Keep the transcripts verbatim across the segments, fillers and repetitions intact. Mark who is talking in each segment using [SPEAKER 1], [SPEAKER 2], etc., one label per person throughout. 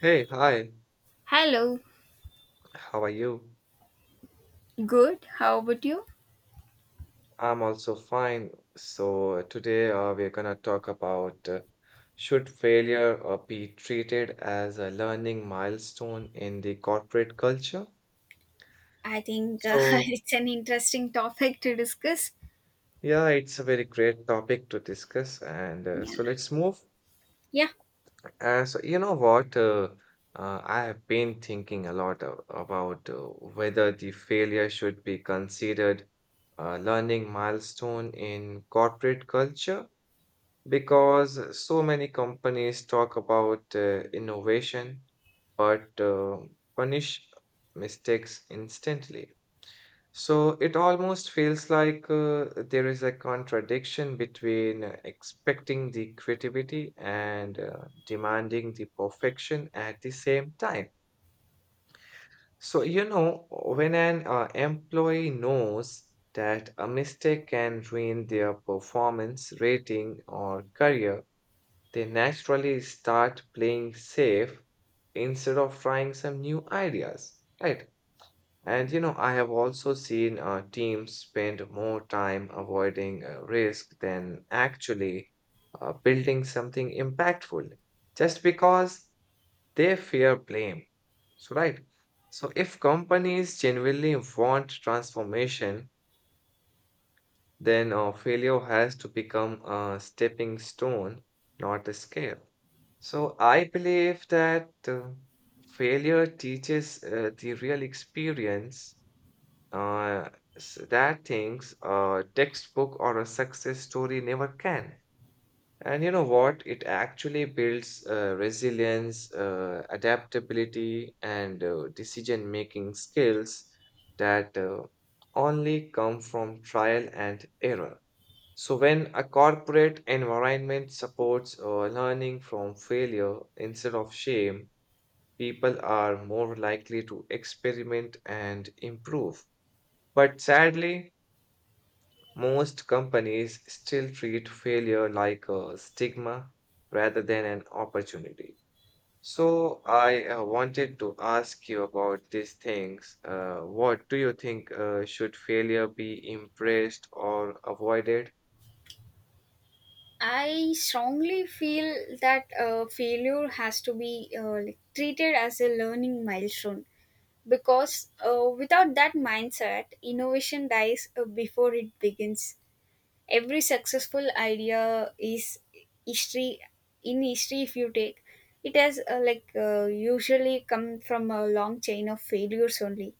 [SPEAKER 1] Hey, hi.
[SPEAKER 2] Hello,
[SPEAKER 1] How are you?
[SPEAKER 2] good. How about you?
[SPEAKER 1] I'm also fine. So uh, today uh, we're gonna talk about uh, should failure uh, be treated as a learning milestone in the corporate culture?
[SPEAKER 2] I think uh,
[SPEAKER 1] So
[SPEAKER 2] it's an interesting topic to discuss.
[SPEAKER 1] yeah, it's a very great topic to discuss, and uh,
[SPEAKER 2] Yeah.
[SPEAKER 1] so let's move.
[SPEAKER 2] Yeah,
[SPEAKER 1] Uh, so you know what? Uh, uh, I have been thinking a lot a- about uh, whether the failure should be considered a learning milestone in corporate culture because so many companies talk about uh, innovation but uh, punish mistakes instantly. So it almost feels like uh, there is a contradiction between uh, expecting the creativity and uh, demanding the perfection at the same time. So, you know, when an uh, employee knows that a mistake can ruin their performance, rating, or career, they naturally start playing safe instead of trying some new ideas, right? And you know, I have also seen uh, teams spend more time avoiding uh, risk than actually uh, building something impactful just because they fear blame. So, right? So, if companies genuinely want transformation, then uh, failure has to become a stepping stone, not a scale. So I believe that uh, failure teaches uh, the real experience uh, s- that things a textbook or a success story never can. And you know what? It actually builds uh, resilience, uh, adaptability, and uh, decision-making skills that uh, only come from trial and error. So, when a corporate environment supports uh, learning from failure instead of shame, people are more likely to experiment and improve. But sadly, most companies still treat failure like a stigma rather than an opportunity. So, I uh, wanted to ask you about these things. Uh, what do you think uh, should failure be embraced or avoided?
[SPEAKER 2] I strongly feel that uh, failure has to be uh, like, treated as a learning milestone because uh, without that mindset, innovation dies uh, before it begins. Every successful idea is history. In history, if you take it has uh, like uh, usually come from a long chain of failures only,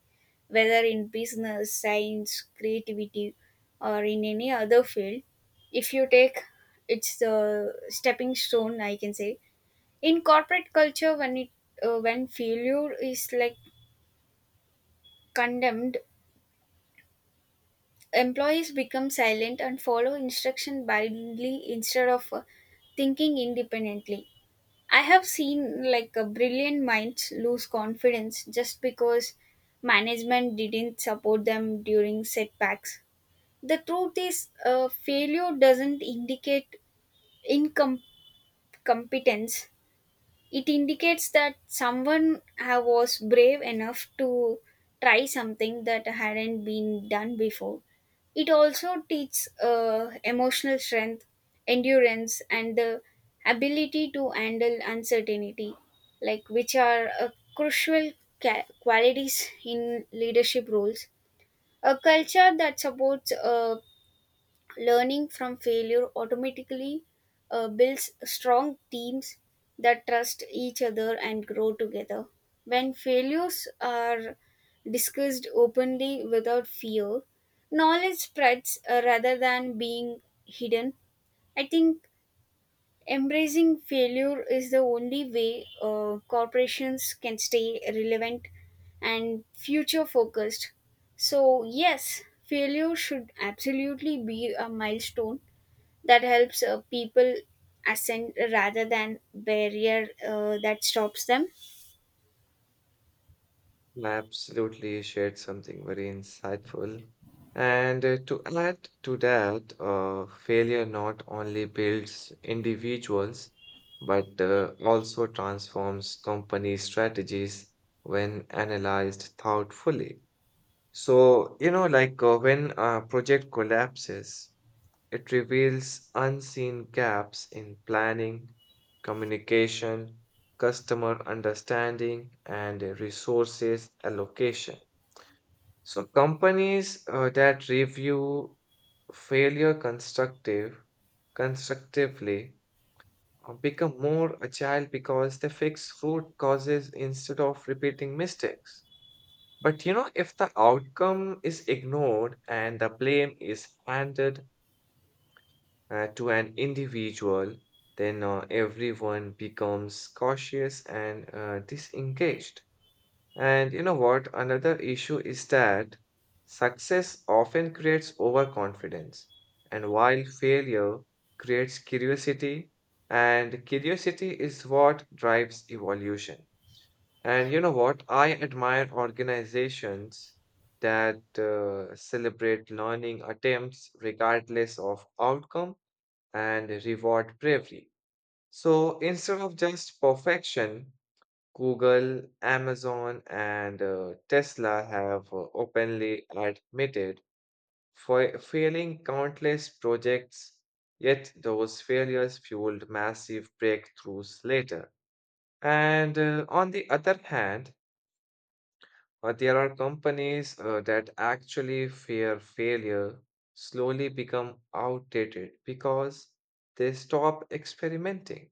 [SPEAKER 2] whether in business, science, creativity, or in any other field. If you take it's the stepping stone, I can say. In corporate culture, when it uh, when failure is like condemned, employees become silent and follow instruction blindly instead of uh, thinking independently. I have seen like a brilliant minds lose confidence just because management didn't support them during setbacks. The truth is uh, failure doesn't indicate incompetence. It indicates that someone ha- was brave enough to try something that hadn't been done before. It also teaches uh, emotional strength, endurance, and the ability to handle uncertainty, like, which are uh, crucial ca- qualities in leadership roles. A culture that supports uh, learning from failure automatically uh, builds strong teams that trust each other and grow together. When failures are discussed openly without fear, knowledge spreads uh, rather than being hidden. I think embracing failure is the only way uh, corporations can stay relevant and future focused. So, yes, failure should absolutely be a milestone that helps uh, people ascend rather than barrier uh, that stops them.
[SPEAKER 1] Absolutely shared something very insightful. And uh, to add to that, uh, failure not only builds individuals, but uh, also transforms company strategies when analyzed thoughtfully. So, you know, like uh, when a project collapses, it reveals unseen gaps in planning, communication, customer understanding, and resources allocation. So, companies uh, that review failure constructive constructively uh, become more agile because they fix root causes instead of repeating mistakes. But you know, if the outcome is ignored and the blame is handed uh, to an individual, then uh, everyone becomes cautious and uh, disengaged. And you know what? Another issue is that success often creates overconfidence, and while failure creates curiosity, and curiosity is what drives evolution. And you know what? I admire organizations that uh, celebrate learning attempts regardless of outcome and reward bravery. So instead of just perfection, Google, Amazon, and uh, Tesla have uh, openly admitted for failing countless projects, yet those failures fueled massive breakthroughs later. And uh, on the other hand, uh, there are companies uh, that actually fear failure slowly become outdated because they stop experimenting.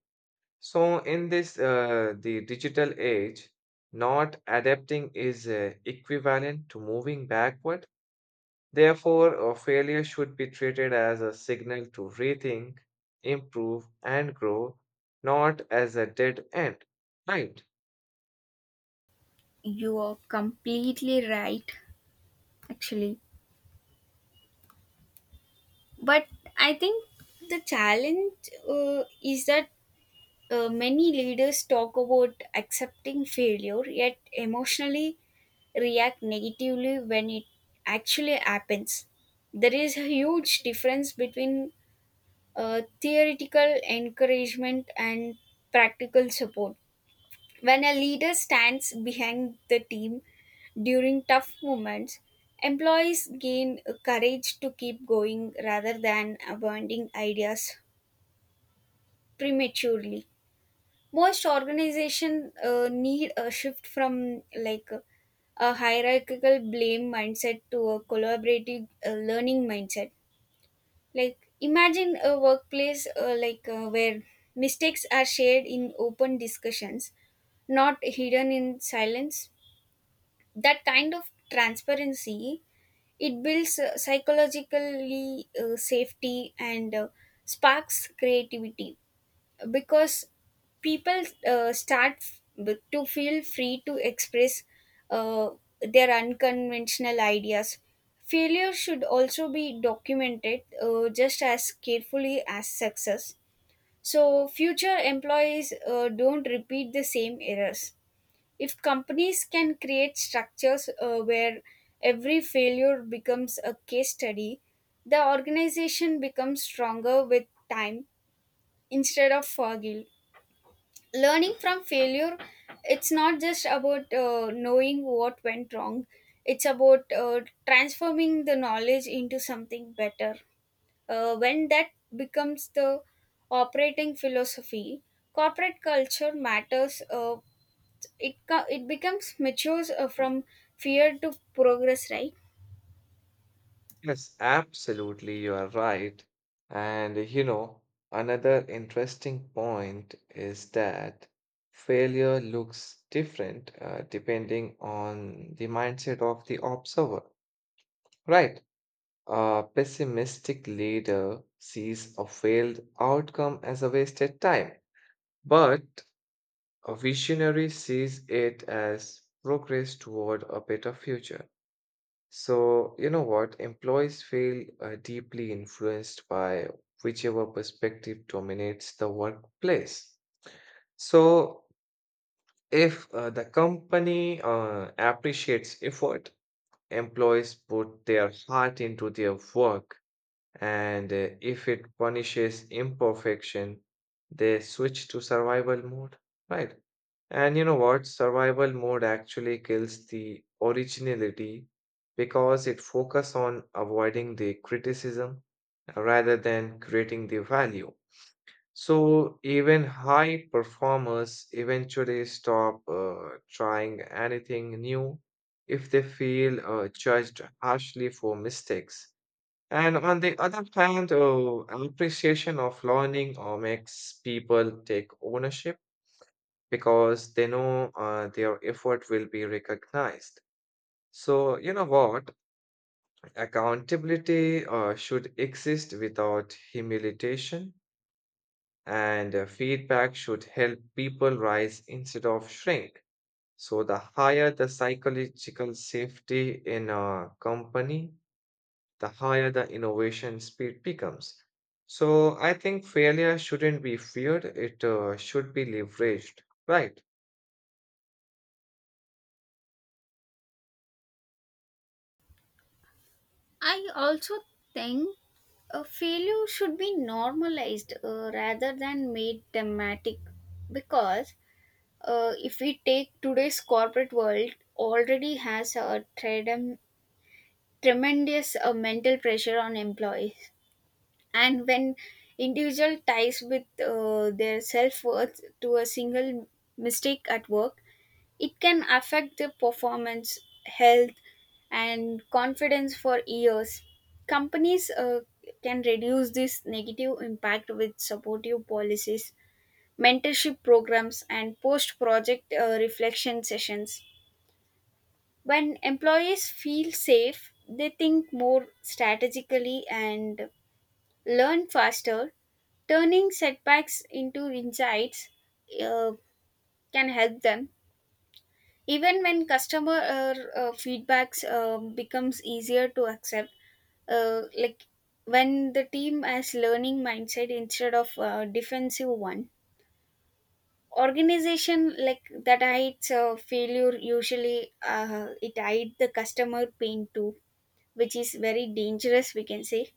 [SPEAKER 1] So, in this uh, the digital age, not adapting is uh, equivalent to moving backward. Therefore, a failure should be treated as a signal to rethink, improve, and grow, not as a dead end. Right.
[SPEAKER 2] You are completely right actually. But I think the challenge uh, is that uh, many leaders talk about accepting failure yet emotionally react negatively when it actually happens. There is a huge difference between uh, theoretical encouragement and practical support. When a leader stands behind the team during tough moments, employees gain courage to keep going rather than abandoning ideas prematurely. Most organizations uh, need a shift from like a hierarchical blame mindset to a collaborative uh, learning mindset. Like, imagine a workplace uh, like uh, where mistakes are shared in open discussions, not hidden in silence. That kind of transparency, it builds uh, psychologically uh, safety and uh, sparks creativity because people uh, start f- to feel free to express uh, their unconventional ideas. Failure should also be documented uh, just as carefully as success, so future employees uh, don't repeat the same errors. If companies can create structures uh, where every failure becomes a case study, the organization becomes stronger with time instead of forgil. Learning from failure, it's not just about uh, knowing what went wrong. It's about uh, transforming the knowledge into something better. Uh, when that becomes the operating philosophy, corporate culture matters, uh, it co- it becomes matures uh, from fear to progress, right?
[SPEAKER 1] Yes, absolutely, you are right. And you know, another interesting point is that failure looks different uh, depending on the mindset of the observer, right? A pessimistic leader sees a failed outcome as a wasted time, but a visionary sees it as progress toward a better future. So, you know what? Employees feel uh, deeply influenced by whichever perspective dominates the workplace. So, if uh, the company uh, appreciates effort, employees put their heart into their work and uh, if it punishes imperfection, they switch to survival mode, right? And you know what? Survival mode actually kills the originality because it focuses on avoiding the criticism rather than creating the value. So even high performers eventually stop uh, trying anything new if they feel uh, judged harshly for mistakes. And on the other hand, uh, appreciation of learning uh, makes people take ownership because they know uh, their effort will be recognized. So, you know what? Accountability uh, should exist without humiliation, and uh, feedback should help people rise instead of shrink. So, the higher the psychological safety in a company, the higher the innovation speed becomes. So I think failure shouldn't be feared, it uh, should be leveraged. Right.
[SPEAKER 2] I also think a failure should be normalized uh, rather than made dramatic because uh, if we take today's corporate world already has a trem- tremendous uh, mental pressure on employees. And when individual ties with uh, their self-worth to a single mistake at work, it can affect the performance, health, and confidence for years. Companies uh, can reduce this negative impact with supportive policies, mentorship programs, and post project uh, reflection sessions. When employees feel safe, they think more strategically and learn faster. Turning setbacks into insights uh, can help them even when customer uh, uh, feedbacks uh, becomes easier to accept, uh, like when the team has learning mindset instead of uh, defensive one. Organization like that hides uh, failure usually, uh, it hides the customer pain too, which is very dangerous, we can say.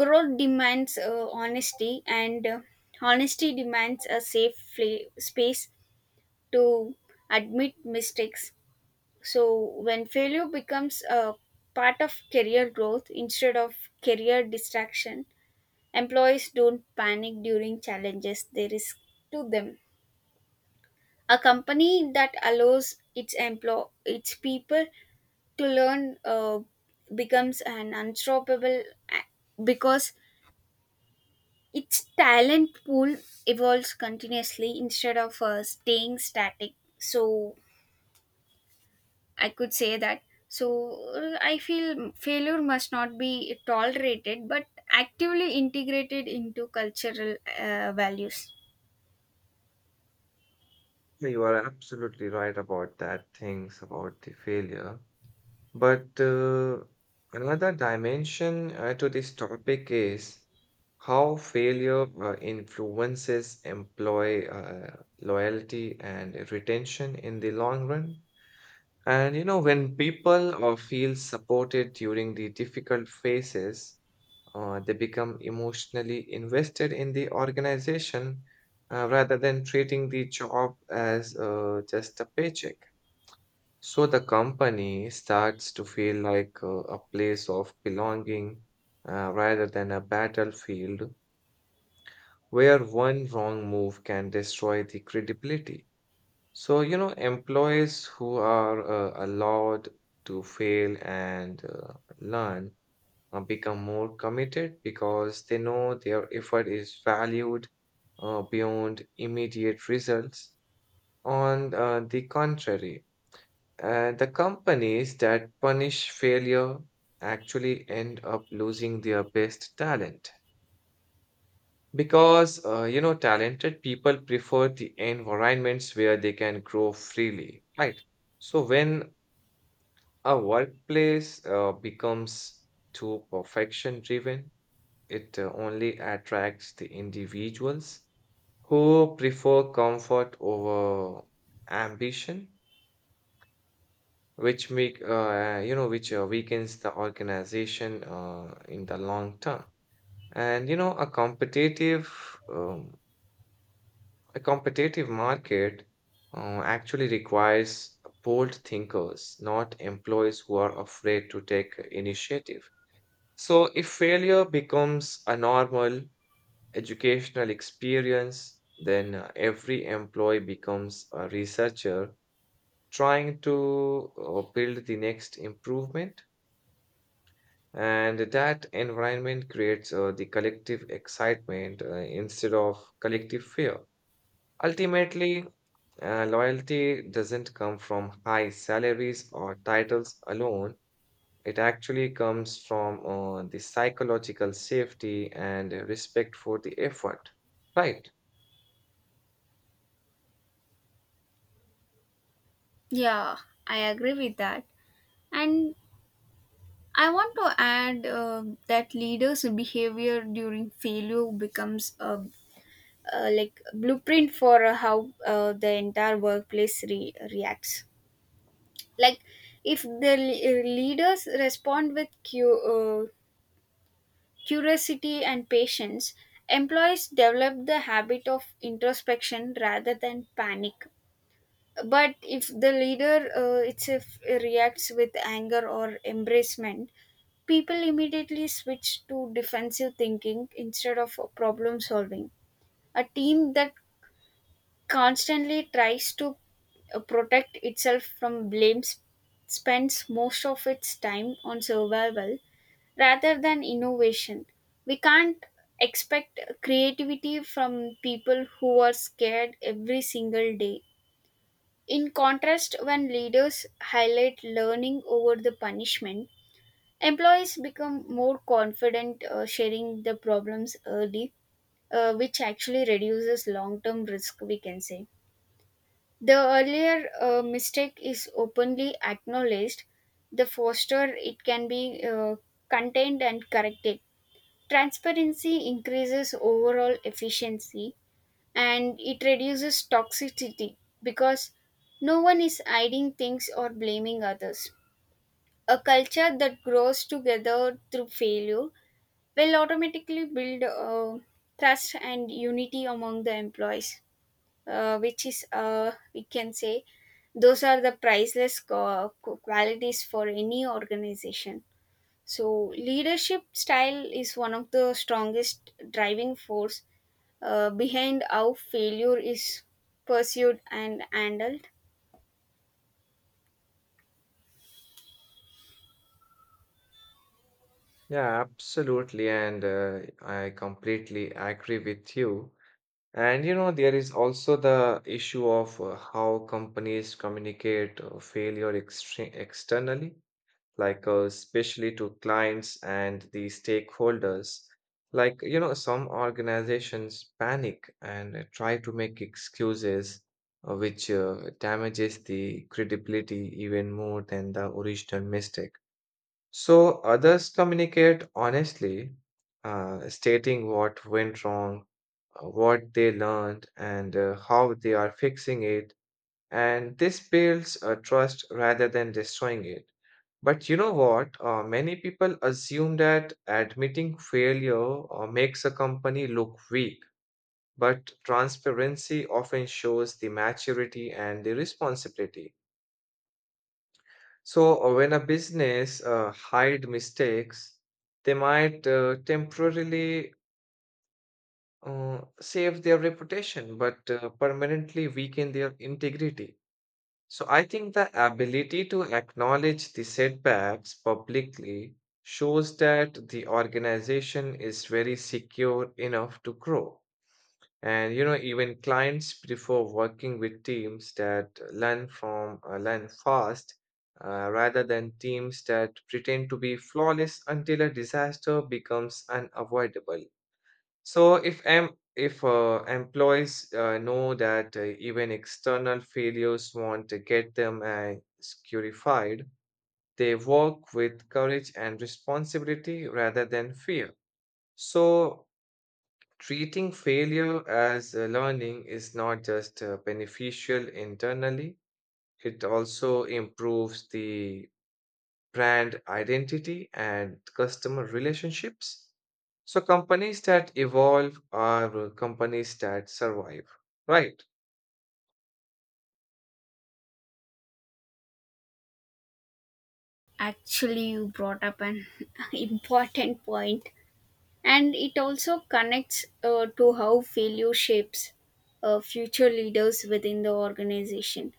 [SPEAKER 2] Growth demands uh, honesty, and uh, honesty demands a safe fla- space to admit mistakes. So when failure becomes a part of career growth instead of career distraction, employees don't panic during challenges they risk to them. A company that allows its employ its people to learn uh, becomes an unstoppable a- because its talent pool evolves continuously instead of uh, staying static. So I could say that. So uh, I feel failure must not be tolerated but actively integrated into cultural uh, values.
[SPEAKER 1] So, you are absolutely right about that, things about the failure. But uh, another dimension uh, to this topic is how failure uh, influences employee uh, loyalty and retention in the long run. And you know, when people uh, feel supported during the difficult phases, uh, they become emotionally invested in the organization uh, rather than treating the job as uh, just a paycheck. So the company starts to feel like uh, a place of belonging uh, rather than a battlefield where one wrong move can destroy the credibility. So, you know, employees who are uh, allowed to fail and uh, learn uh, become more committed because they know their effort is valued uh, beyond immediate results. On uh, the contrary, uh, the companies that punish failure actually end up losing their best talent because, uh, you know, talented people prefer the environments where they can grow freely, right? So when our workplace uh, becomes too perfection driven. It uh, only attracts the individuals who prefer comfort over ambition, which make uh, you know which uh, weakens the organization uh, in the long term. And you know a competitive um, a competitive market uh, actually requires bold thinkers, not employees who are afraid to take initiative. So, if failure becomes a normal educational experience, then uh, every employee becomes a researcher trying to uh, build the next improvement. And that environment creates uh, the collective excitement uh, instead of collective fear. Ultimately, uh, loyalty doesn't come from high salaries or titles alone. It actually comes from uh, the psychological safety and uh, respect for the effort. Right.
[SPEAKER 2] Yeah, I agree with that. And I want to add uh, that leaders' behavior during failure becomes a, a like blueprint for uh, how uh, the entire workplace re- reacts. Like, if the le- leaders respond with cu- uh, curiosity and patience, employees develop the habit of introspection rather than panic. But if the leader uh, itself reacts with anger or embracement, people immediately switch to defensive thinking instead of problem solving. A team that constantly tries to uh, protect itself from blame sp- spends most of its time on survival rather than innovation. We can't expect creativity from people who are scared every single day. In contrast, when leaders highlight learning over the punishment, employees become more confident uh, sharing the problems early, uh, which actually reduces long term risk, we can say. The earlier uh, mistake is openly acknowledged, the faster it can be uh, contained and corrected. Transparency increases overall efficiency and it reduces toxicity because no one is hiding things or blaming others. A culture that grows together through failure will automatically build uh, trust and unity among the employees, uh, which is, uh, we can say, those are the priceless qua- qualities for any organization. So leadership style is one of the strongest driving force uh, behind how failure is pursued and handled.
[SPEAKER 1] Yeah, absolutely. And uh, I completely agree with you. And you know, there is also the issue of uh, how companies communicate uh, failure extre- externally. Like uh, especially to clients and the stakeholders. Like, you know, some organizations panic and uh, try to make excuses, uh, which uh, damages the credibility even more than the original mistake. So others communicate honestly, uh, stating what went wrong, uh, what they learned, and uh, how they are fixing it. And this builds a trust rather than destroying it. But you know what? Uh, many people assume that admitting failure uh, makes a company look weak, but transparency often shows the maturity and the responsibility. So, uh, when a business uh, hide mistakes, they might uh, temporarily uh, save their reputation, but uh, permanently weaken their integrity. So I think the ability to acknowledge the setbacks publicly shows that the organization is very secure enough to grow. And you know, even clients prefer working with teams that learn from uh, learn fast uh, rather than teams that pretend to be flawless until a disaster becomes unavoidable. So if em- if uh, employees uh, know that uh, even external failures want to get them uh, securified, they work with courage and responsibility rather than fear. So treating failure as uh, learning is not just uh, beneficial internally; it also improves the brand identity, and customer relationships. So, companies that evolve are companies that survive, right?
[SPEAKER 2] Actually, you brought up an important point, and it also connects uh, to how failure shapes uh, future leaders within the organization.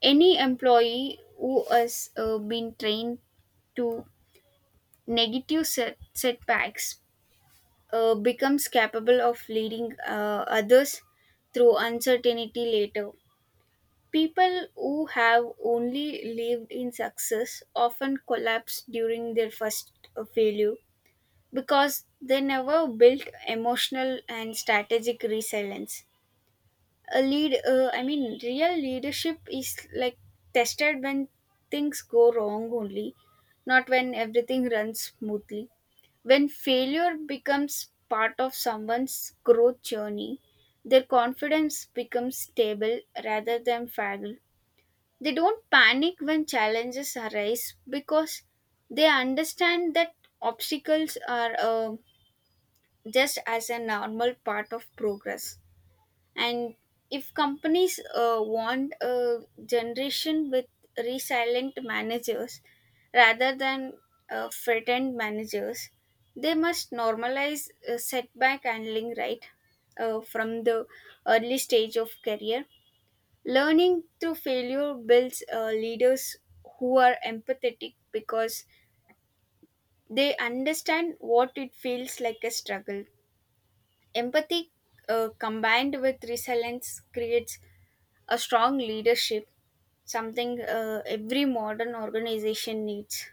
[SPEAKER 2] Any employee who has uh, been trained to negative set- setbacks uh, becomes capable of leading uh, others through uncertainty later. People who have only lived in success often collapse during their first uh, failure because they never built emotional and strategic resilience. A lead, uh, I mean, real leadership is like tested when things go wrong only, not when everything runs smoothly. When failure becomes part of someone's growth journey, their confidence becomes stable rather than fragile. They don't panic when challenges arise because they understand that obstacles are uh, just as a normal part of progress. And if companies uh, want a generation with resilient managers rather than uh, threatened managers, they must normalize uh, setback handling, right, uh, from the early stage of career. Learning through failure builds uh, leaders who are empathetic because they understand what it feels like a struggle. Empathy uh, combined with resilience creates a strong leadership, something uh, every modern organization needs.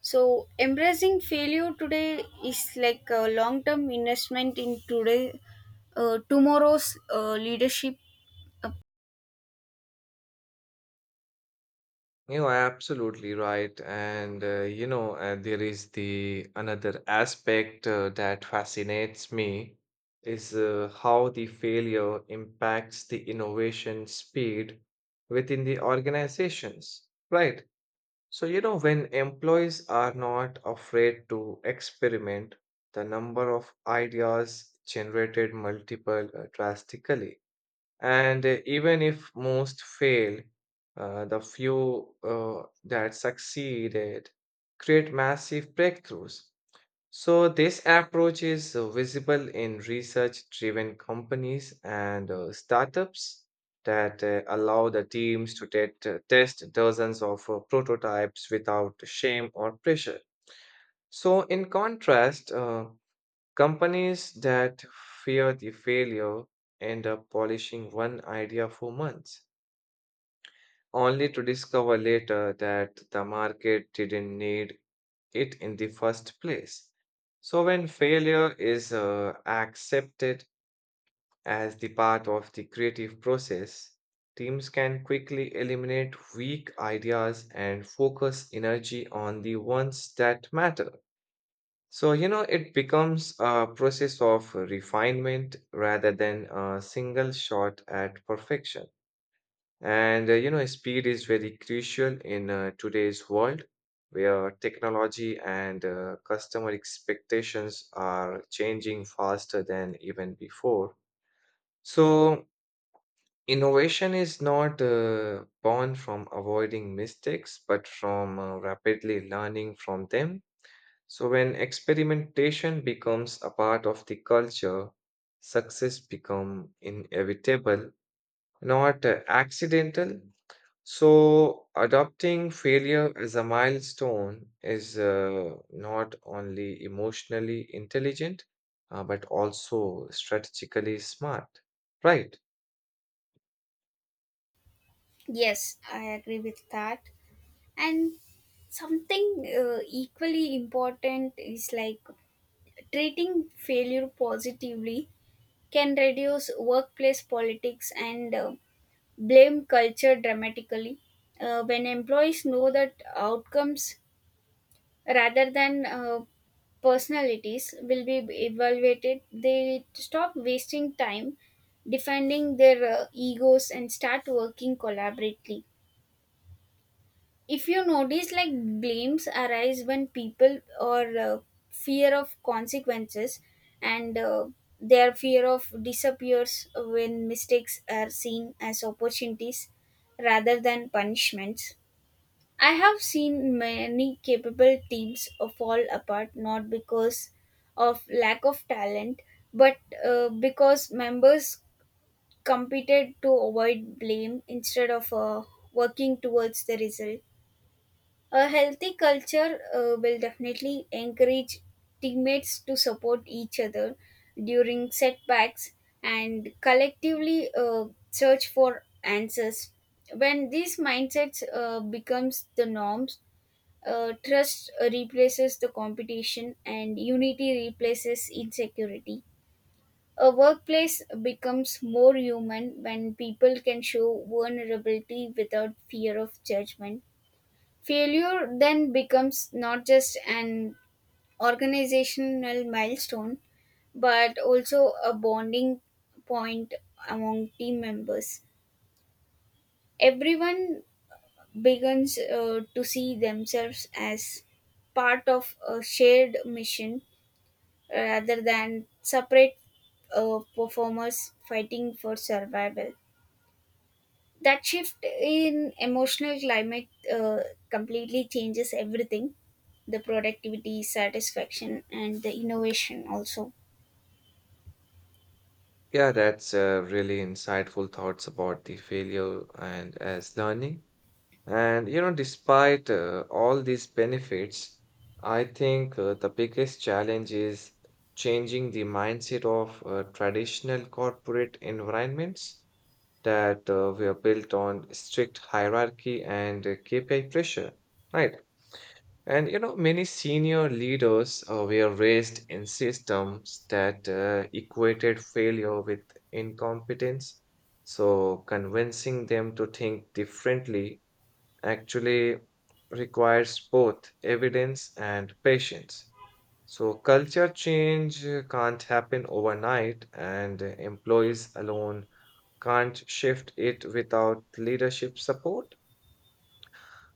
[SPEAKER 2] So, embracing failure today is like a long term investment in today, uh, tomorrow's uh, leadership. Uh,
[SPEAKER 1] You are absolutely right. And, uh, you know, uh, there is the another aspect uh, that fascinates me is uh, how the failure impacts the innovation speed within the organizations, right? So, you know, when employees are not afraid to experiment, the number of ideas generated multiple uh, drastically. And uh, even if most fail, uh, the few uh, that succeeded create massive breakthroughs. So, this approach is uh, visible in research driven companies and uh, startups that uh, allow the teams to tet- uh, test dozens of uh, prototypes without shame or pressure. So, in contrast, uh, companies that fear the failure end up polishing one idea for months only to discover later that the market didn't need it in the first place. So, when failure is uh, accepted as the part of the creative process, teams can quickly eliminate weak ideas and focus energy on the ones that matter. So, you know, it becomes a process of refinement rather than a single shot at perfection. And uh, you know, speed is very crucial in uh, today's world where technology and uh, customer expectations are changing faster than even before. So, innovation is not uh, born from avoiding mistakes, but from uh, rapidly learning from them. So, when experimentation becomes a part of the culture, success become inevitable not uh, accidental. So, adopting failure as a milestone is uh, not only emotionally intelligent, uh, but also strategically smart. Right.
[SPEAKER 2] yes, I agree with that. And something uh, equally important is like treating failure positively can reduce workplace politics and uh, blame culture dramatically. Uh, when employees know that outcomes rather than uh, personalities will be evaluated, they stop wasting time defending their uh, egos and start working collaboratively. If you notice, like, blames arise when people or uh, fear of consequences and uh, their fear of disappears when mistakes are seen as opportunities rather than punishments. I have seen many capable teams fall apart not because of lack of talent, but uh, because members competed to avoid blame instead of uh, working towards the result. A healthy culture uh, will definitely encourage teammates to support each other during setbacks and collectively uh, search for answers. When these mindsets uh, becomes the norms, uh, trust uh, replaces the competition and unity replaces insecurity. A workplace becomes more human when people can show vulnerability without fear of judgment. Failure then becomes not just an organizational milestone, but also a bonding point among team members. Everyone begins uh, to see themselves as part of a shared mission uh, rather than separate uh, performers fighting for survival. That shift in emotional climate uh, completely changes everything, the productivity, satisfaction, and the innovation also.
[SPEAKER 1] Yeah, that's uh, really insightful thoughts about the failure and as learning. And you know, despite uh, all these benefits, I think uh, the biggest challenge is changing the mindset of uh, traditional corporate environments that uh, were built on strict hierarchy and uh, K P I pressure, right? And you know, many senior leaders uh, were raised in systems that uh, equated failure with incompetence. So, convincing them to think differently actually requires both evidence and patience. So, culture change uh, can't happen overnight, and uh, employees alone can't shift it without leadership support.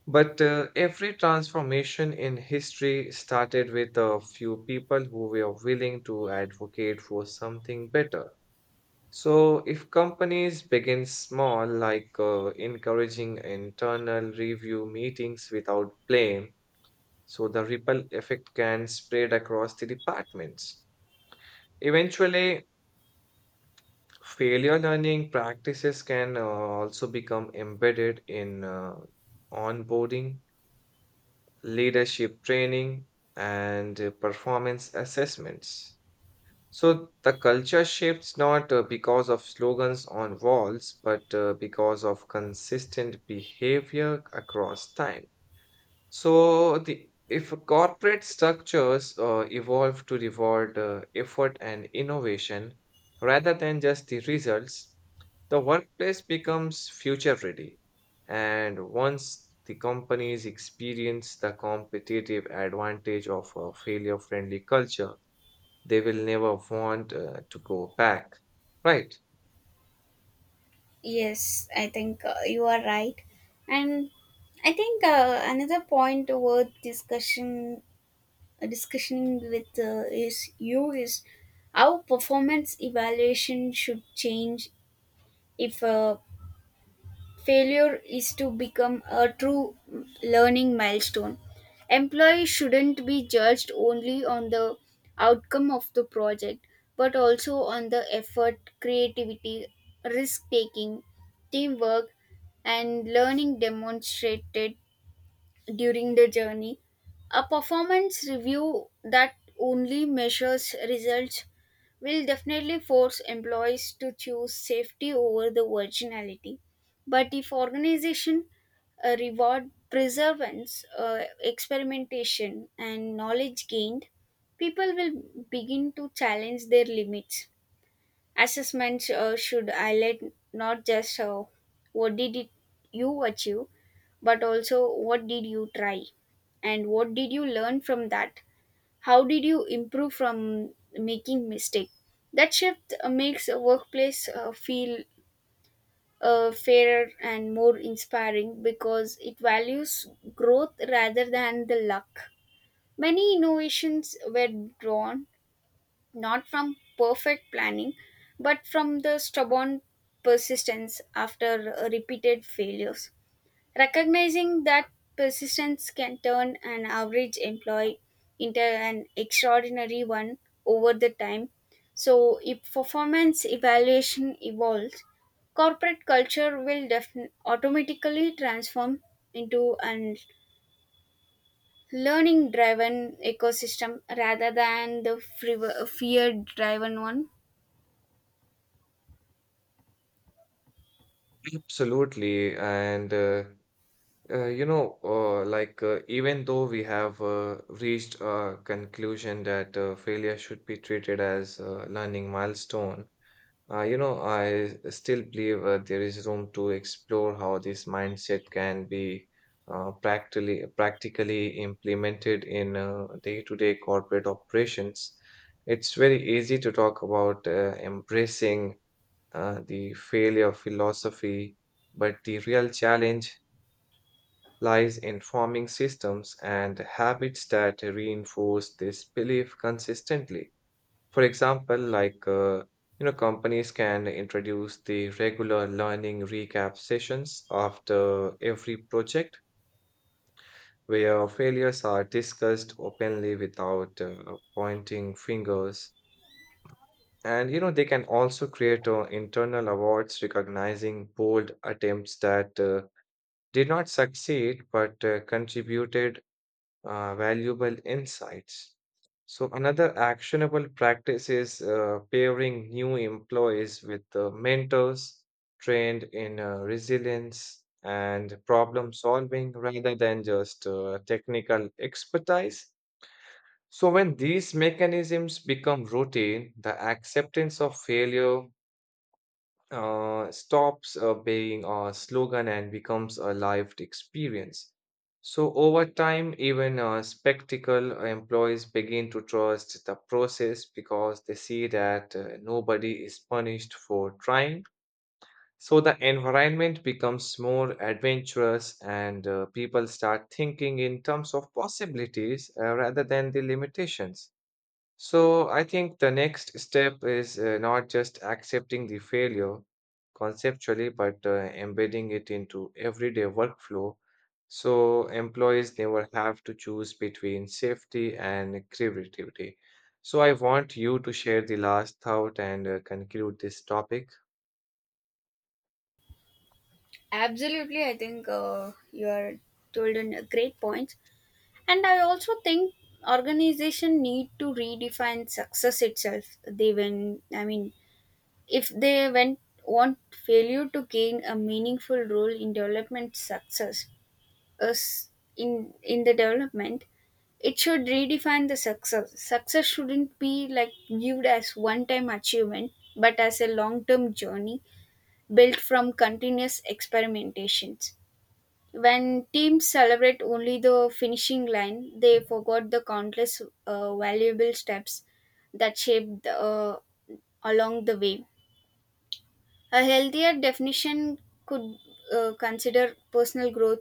[SPEAKER 1] But uh, every transformation in history started with a few people who were willing to advocate for something better. So, if companies begin small, like uh, encouraging internal review meetings without blame, so the ripple effect can spread across the departments. Eventually, failure learning practices can uh, also become embedded in uh, onboarding, leadership training, and uh, performance assessments. So the culture shifts not uh, because of slogans on walls, but uh, because of consistent behavior across time. So the if corporate structures uh, evolve to reward uh, effort and innovation rather than just the results, the workplace becomes future ready. And once the companies experience the competitive advantage of a failure friendly culture, they will never want uh, to go back. Right.
[SPEAKER 2] Yes, I think uh, you are right. And I think uh, another point worth discussion discussing with uh, is you is how performance evaluation should change if uh, failure is to become a true learning milestone. Employees shouldn't be judged only on the outcome of the project, but also on the effort, creativity, risk taking, teamwork, and learning demonstrated during the journey. A performance review that only measures results will definitely force employees to choose safety over the originality. But if organization uh, reward perseverance, uh, experimentation, and knowledge gained, people will begin to challenge their limits. Assessments uh, should highlight not just uh, what did it, you achieve, but also what did you try and what did you learn from that. How did you improve from making mistake? That shift uh, makes a workplace uh, feel uh, fairer and more inspiring because it values growth rather than the luck. Many innovations were drawn not from perfect planning but from the stubborn persistence after uh, repeated failures. Recognizing that persistence can turn an average employee into an extraordinary one over the time. So, if performance evaluation evolves, corporate culture will defin- automatically transform into an learning driven ecosystem rather than the fear driven one.
[SPEAKER 1] Absolutely. And, uh, uh, you know, uh, like, uh, even though we have uh, reached a conclusion that uh, failure should be treated as a learning milestone, Uh, you know, I still believe uh, there is room to explore how this mindset can be uh, practically practically implemented in uh, day-to-day corporate operations. It's very easy to talk about uh, embracing uh, the failure philosophy, but the real challenge lies in forming systems and habits that reinforce this belief consistently. For example, like uh, you know, companies can introduce the regular learning recap sessions after every project where failures are discussed openly without uh, pointing fingers. And you know, they can also create uh, internal awards recognizing bold attempts that uh, did not succeed but uh, contributed uh, valuable insights. So another actionable practice is uh, pairing new employees with uh, mentors trained in uh, resilience and problem solving rather than just uh, technical expertise. So when these mechanisms become routine, the acceptance of failure uh, stops uh, being a slogan and becomes a lived experience. So, over time, even uh, spectacle employees begin to trust the process because they see that uh, nobody is punished for trying. So, the environment becomes more adventurous, and uh, people start thinking in terms of possibilities uh, rather than the limitations. So I think the next step is uh, not just accepting the failure conceptually, but uh, embedding it into everyday workflow. So employees never have to choose between safety and creativity. So I want you to share the last thought and uh, conclude this topic.
[SPEAKER 2] Absolutely, I think uh, you are told in a great point. And I also think organization need to redefine success itself. They, when I mean, if they went want failure to gain a meaningful role in development success us in in the development, it should redefine the success. Success shouldn't be like viewed as one time achievement, but as a long term journey built from continuous experimentations. When teams celebrate only the finishing line, they forgot the countless uh, valuable steps that shaped uh, along the way. A healthier definition could uh, consider personal growth,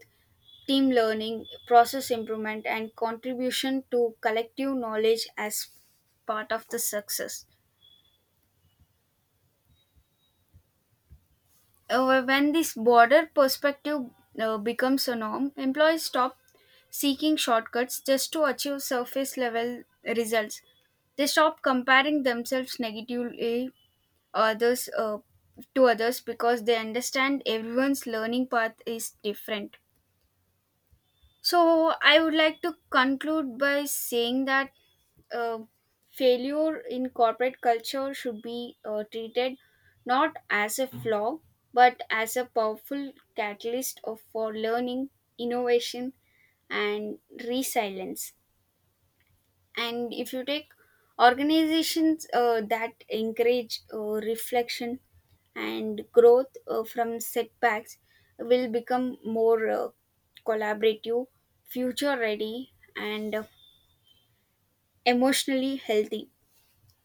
[SPEAKER 2] team learning, process improvement, and contribution to collective knowledge as part of the success. Uh, when this broader perspective uh, becomes a norm, employees stop seeking shortcuts just to achieve surface level results. They stop comparing themselves negatively others uh, to others because they understand everyone's learning path is different. So, I would like to conclude by saying that uh, failure in corporate culture should be uh, treated not as a flaw but as a powerful catalyst of, for learning, innovation, and resilience. And if you take organizations uh, that encourage uh, reflection and growth uh, from setbacks will become more uh, collaborative, future ready, and uh, emotionally healthy.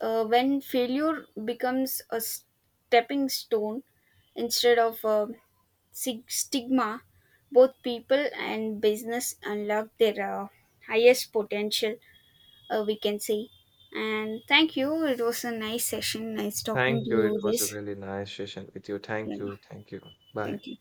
[SPEAKER 2] Uh, when failure becomes a stepping stone instead of a sig- stigma, both people and business unlock their uh, highest potential, uh, we can say. And thank you. It was a nice session. Nice talking to
[SPEAKER 1] Thank you.
[SPEAKER 2] you.
[SPEAKER 1] It was a
[SPEAKER 2] This.
[SPEAKER 1] really nice session with you.
[SPEAKER 2] Yeah.
[SPEAKER 1] Thank you. Thank you. Bye.
[SPEAKER 2] Thank you.